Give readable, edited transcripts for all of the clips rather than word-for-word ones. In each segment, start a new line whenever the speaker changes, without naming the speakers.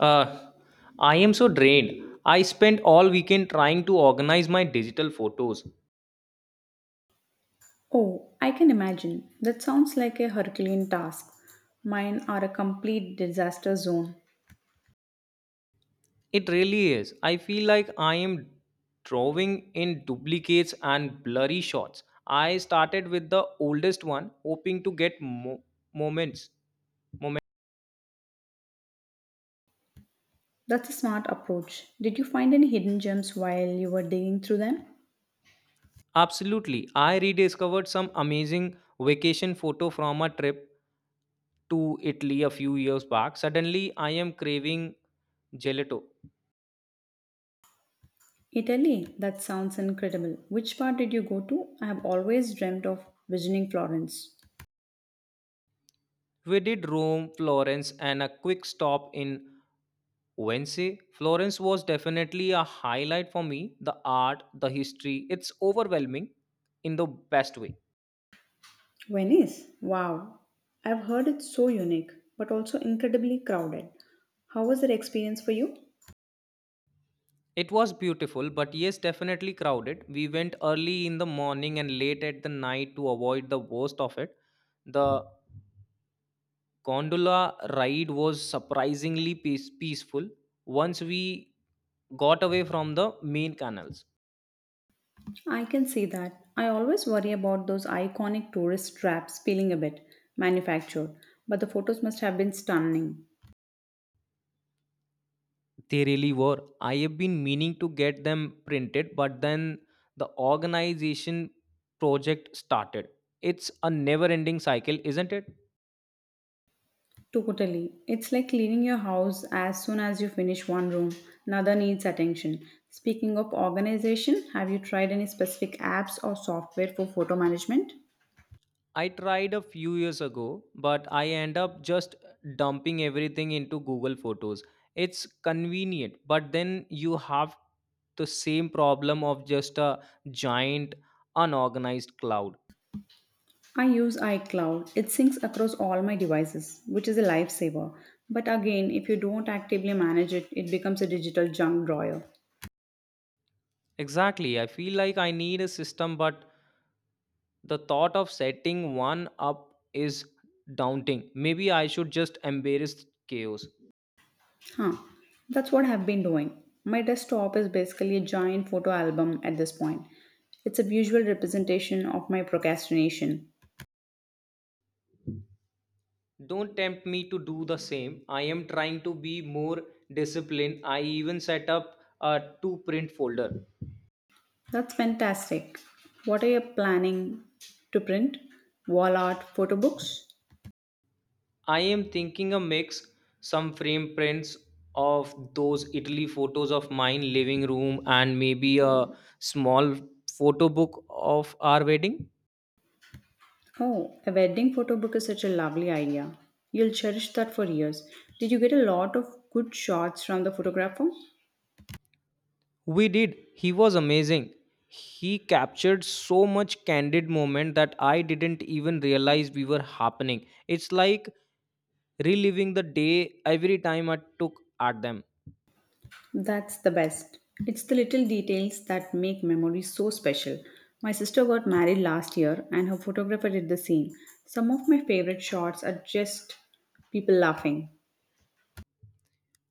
Uh, I am so drained. I spent all weekend trying to organize my digital photos.
Oh, I can imagine. That sounds like a Herculean task. Mine are a complete disaster zone.
It really is. I feel like I am drawing in duplicates and blurry shots. I started with the oldest one, hoping to get moments. Moment.
That's a smart approach. Did you find any hidden gems while you were digging through them?
Absolutely. I rediscovered some amazing vacation photo from a trip to Italy a few years back. Suddenly, I am craving gelato.
Italy, that sounds incredible. Which part did you go to? I have always dreamt of visiting Florence.
We did Rome, Florence, and a quick stop in Wednesday. Florence was definitely a highlight for me. The art, the history, it's overwhelming in the best way.
Venice? Wow. I've heard it's so unique, but also incredibly crowded. How was that experience for you?
It was beautiful, but yes, definitely crowded. We went early in the morning and late at the night to avoid the worst of it. The gondola ride was surprisingly peaceful once we got away from the main canals.
I can see that. I always worry about those iconic tourist traps feeling a bit manufactured, but the photos must have been stunning.
They really were. I have been meaning to get them printed, but then the organization project started. It's a never ending cycle, isn't it?
Totally. It's like cleaning your house as soon as you finish one room. Another needs attention. Speaking of organization, have you tried any specific apps or software for photo management?
I tried a few years ago, but I end up just dumping everything into Google Photos. It's convenient, but then you have the same problem of just a giant unorganized cloud.
I use iCloud. It syncs across all my devices, which is a lifesaver. But again, if you don't actively manage it, it becomes a digital junk drawer.
Exactly. I feel like I need a system, but the thought of setting one up is daunting. Maybe I should just embrace chaos.
Huh. That's what I've been doing. My desktop is basically a giant photo album at this point. It's a visual representation of my procrastination.
Don't tempt me to do the same. I am trying to be more disciplined. I even set up a two print folder.
That's fantastic. What are you planning to print? Wall art photo books?
I am thinking a mix, some frame prints of those Italy photos of mine living room and maybe a small photo book of our wedding.
Oh, a wedding photo book is such a lovely idea. You'll cherish that for years. Did you get a lot of good shots from the photographer?
We did. He was amazing. He captured so much candid moment that I didn't even realize we were happening. It's like reliving the day every time I took at them.
That's the best. It's the little details that make memories so special. My sister got married last year and her photographer did the same. Some of my favorite shots are just people laughing.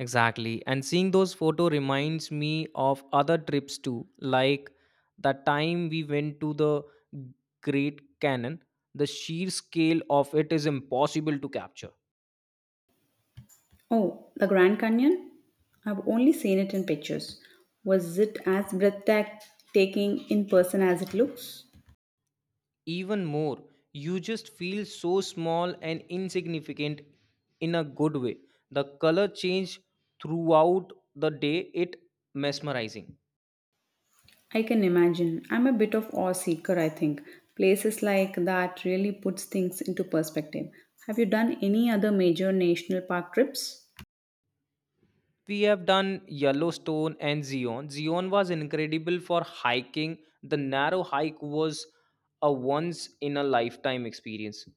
Exactly. And seeing those photo reminds me of other trips too, like the time we went to the Great Canyon. The sheer scale of it is impossible to capture.
Oh, the Grand Canyon? I've only seen it in pictures. Was it as breathtaking in person as it looks?
Even more, you just feel so small and insignificant in a good way. The color change throughout the day, it mesmerizing.
I can imagine. I'm a bit of awe seeker, I think. Places like that really puts things into perspective. Have you done any other major national park trips?
We have done Yellowstone and Zion. Zion was incredible for hiking. The narrow hike was a once in a lifetime experience.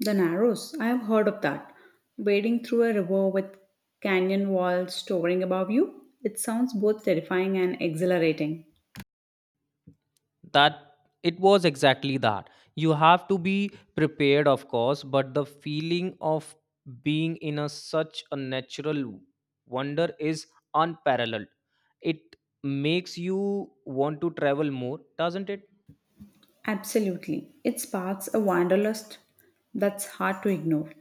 The Narrows. I have heard of that. Wading through a river with canyon walls towering above you. It sounds both terrifying and exhilarating.
That it was exactly that. You have to be prepared, of course, but the feeling of being in a such a natural wonder is unparalleled. It makes you want to travel more, doesn't it?
Absolutely. It sparks a wanderlust that's hard to ignore.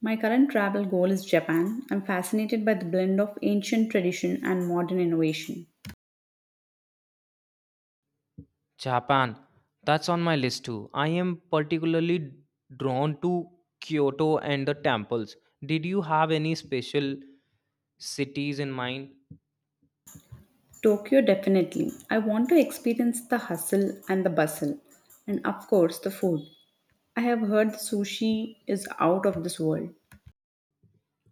My current travel goal is Japan. I'm fascinated by the blend of ancient tradition and modern innovation.
Japan, that's on my list too. I am particularly drawn to Kyoto and the temples. Did you have any special cities in mind?
Tokyo, definitely. I want to experience the hustle and the bustle. And of course, the food. I have heard the sushi is out of this world.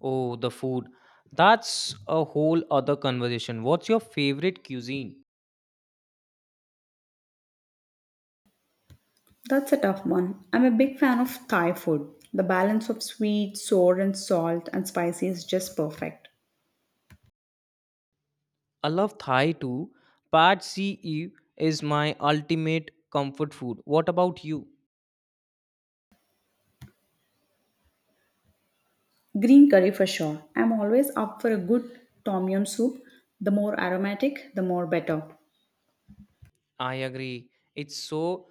Oh, the food. That's a whole other conversation. What's your favorite cuisine?
That's a tough one. I'm a big fan of Thai food. The balance of sweet, sour, and salt and spicy is just perfect.
I love Thai too. Pad CE is my ultimate comfort food. What about you?
Green curry for sure. I'm always up for a good tom yum soup. The more aromatic, the more better.
I agree. It's so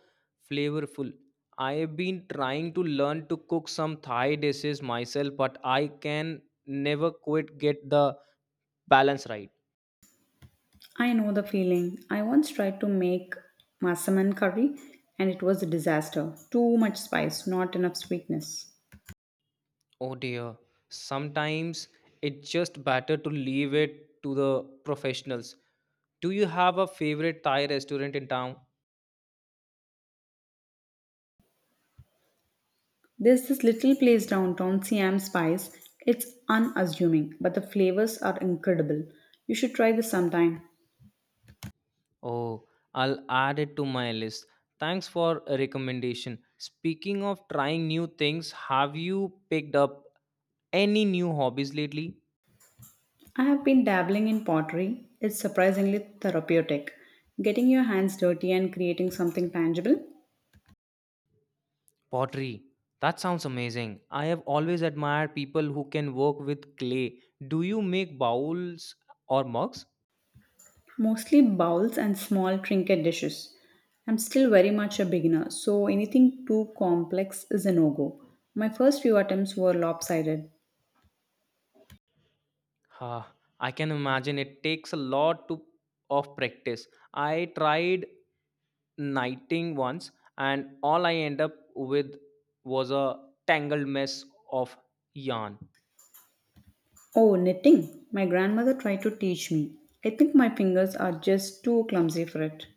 flavorful. I have been trying to learn to cook some Thai dishes myself, but I can never quite get the balance right.
I know the feeling. I once tried to make masaman curry and it was a disaster. Too much spice, not enough sweetness.
Oh dear. Sometimes it's just better to leave it to the professionals. Do you have a favorite Thai restaurant in town?
There's this little place downtown, Siam Spice. It's unassuming, but the flavors are incredible. You should try this sometime.
Oh, I'll add it to my list. Thanks for a recommendation. Speaking of trying new things, have you picked up any new hobbies lately?
I have been dabbling in pottery. It's surprisingly therapeutic. Getting your hands dirty and creating something tangible,
Pottery. That sounds amazing. I have always admired people who can work with clay. Do you make bowls or mugs?
mostly bowls and small trinket dishes. I'm still very much a beginner, so anything too complex is a no go. My first few attempts were lopsided.
Ha, I can imagine it takes a lot to, of practice. I tried knighting once, and all I end up with was a tangled mess of yarn.
Oh, knitting! My grandmother tried to teach me. I think my fingers are just too clumsy for it.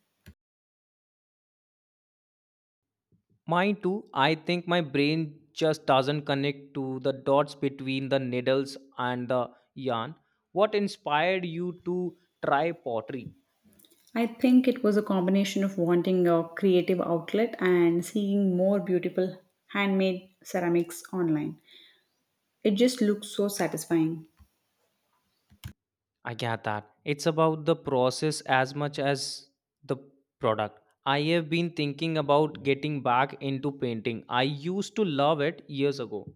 Mine too. I think my brain just doesn't connect to the dots between the needles and the yarn. What inspired you to try pottery?
I think it was a combination of wanting a creative outlet and seeing more beautiful handmade ceramics online. It just looks so satisfying.
I get that. It's about the process as much as the product. I have been thinking about getting back into painting. I used to love it years ago.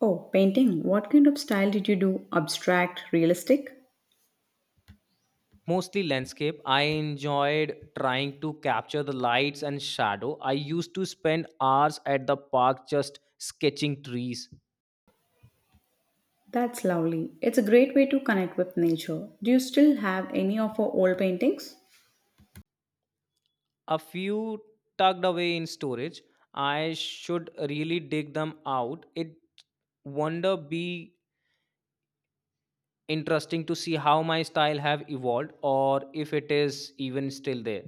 Oh, painting. What kind of style did you do? Abstract, realistic?
Mostly landscape. I enjoyed trying to capture the lights and shadow. I used to spend hours at the park just sketching trees.
That's lovely. It's a great way to connect with nature. Do you still have any of our old paintings?
A few tucked away in storage. I should really dig them out. It wonder be interesting to see how my style have evolved or if it is even still there.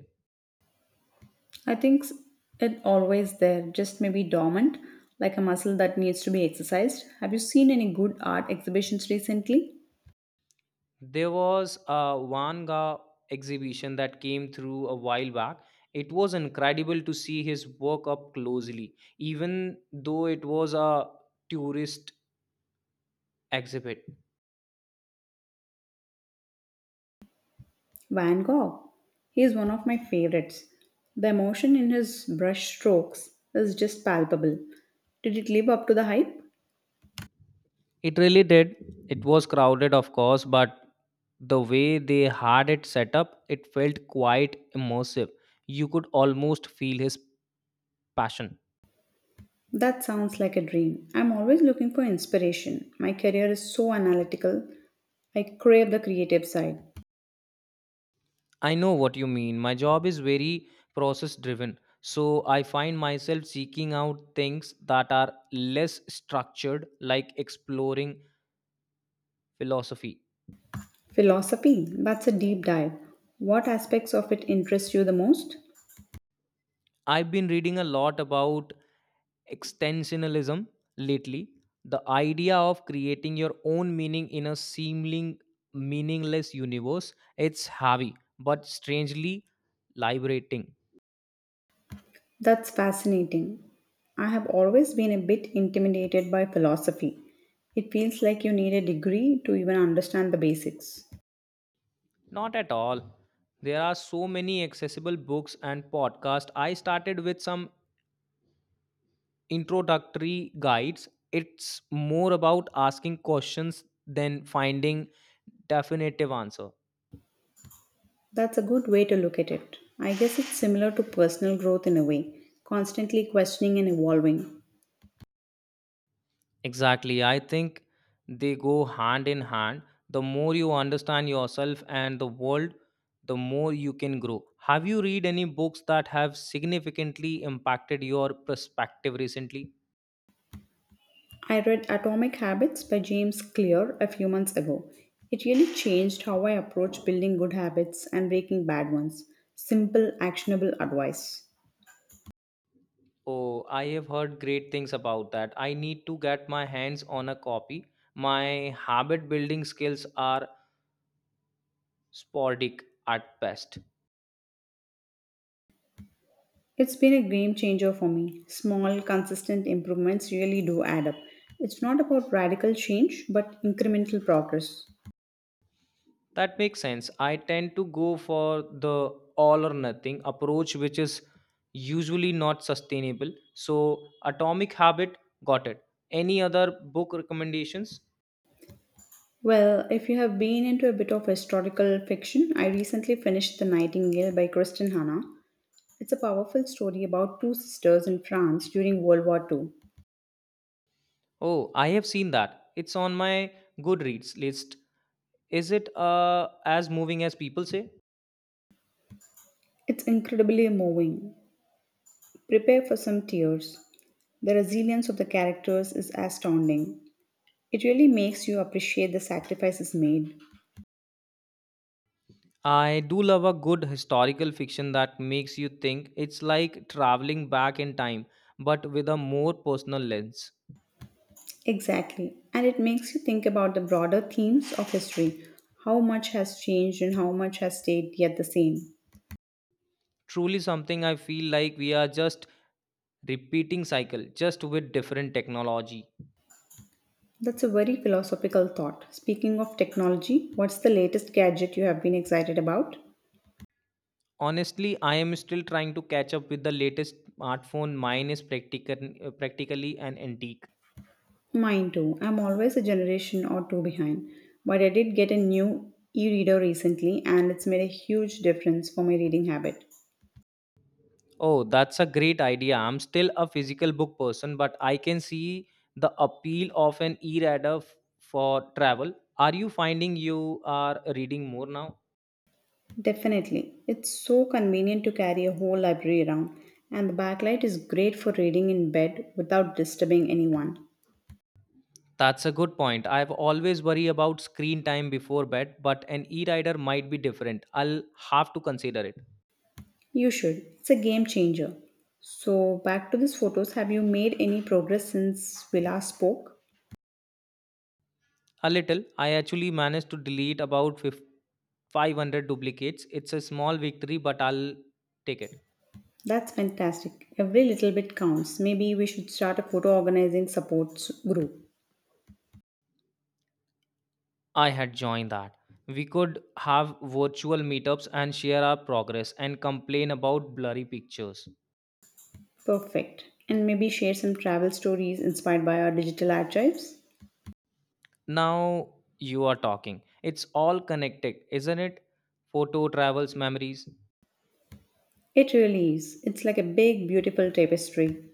I think s- it always there, just maybe dormant, like a muscle that needs to be exercised. Have you seen any good art exhibitions recently?
There was a wanga exhibition that came through a while back. It was incredible to see his work up closely, even though it was a tourist exhibit.
Van Gogh. He is one of my favorites. The emotion in his brush strokes is just palpable. Did it live up to the hype?
It really did. It was crowded, of course, but the way they had it set up, it felt quite immersive. You could almost feel his passion.
That sounds like a dream. I'm always looking for inspiration. My career is so analytical. I crave the creative side.
I know what you mean. My job is very process driven. So I find myself seeking out things that are less structured, like exploring philosophy.
Philosophy, that's a deep dive. What aspects of it interest you the most?
I've been reading a lot about extensionalism lately, the idea of creating your own meaning in a seeming meaningless universe. It's heavy, but strangely liberating.
That's fascinating. I have always been a bit intimidated by philosophy. It feels like you need a degree to even understand the basics.
Not at all. There are so many accessible books and podcasts. I started with some introductory guides. It's more about asking questions than finding definitive answer.
That's a good way to look at it. I guess it's similar to personal growth in a way, constantly questioning and evolving.
Exactly. I think they go hand in hand. The more you understand yourself and the world, the more you can grow. Have you read any books that have significantly impacted your perspective recently?
I read Atomic Habits by James Clear a few months ago. It really changed how I approach building good habits and breaking bad ones. Simple, actionable advice.
Oh, I have heard great things about that. I need to get my hands on a copy. My habit building skills are sporadic at best.
It's been a game changer for me. Small, consistent improvements really do add up. It's not about radical change, but incremental progress.
That makes sense. I tend to go for the all or nothing approach, which is usually not sustainable. So, Atomic Habit, got it. Any other book recommendations?
Well, if you have been into a bit of historical fiction, I recently finished The Nightingale by Kristen Hanna. It's a powerful story about two sisters in France during World War II.
Oh, I have seen that. It's on my Goodreads list. Is it as moving as people say?
It's incredibly moving. Prepare for some tears. The resilience of the characters is astounding. It really makes you appreciate the sacrifices made.
I do love a good historical fiction that makes you think. It's like traveling back in time, but with a more personal lens.
Exactly. And it makes you think about the broader themes of history. How much has changed and how much has stayed yet the same.
Truly something. I feel like we are just repeating cycle just with different technology.
That's a very philosophical thought. Speaking of technology, what's the latest gadget you have been excited about?
Honestly, I am still trying to catch up with the latest smartphone. Mine is practically an antique.
Mine too. I'm always a generation or two behind, but I did get a new e reader recently and it's made a huge difference for my reading habit.
Oh, that's a great idea. I'm still a physical book person, but I can see the appeal of an e-reader for travel. Are you finding you are reading more now?
Definitely. It's so convenient to carry a whole library around, and the backlight is great for reading in bed without disturbing anyone.
That's a good point. I've always worry about screen time before bed, but an e-rider might be different. I'll have to consider it.
You should. It's a game changer. So, back to these photos. Have you made any progress since we last spoke?
A little. I actually managed to delete about 50 500 duplicates. It's a small victory, but I'll take it.
That's fantastic. Every little bit counts. Maybe we should start a photo organizing supports group.
I had joined that. We could have virtual meetups and share our progress and complain about blurry pictures.
Perfect. And maybe share some travel stories inspired by our digital archives.
Now you are talking. It's all connected, isn't it? Photo travels memories.
It really is. It's like a big, beautiful tapestry.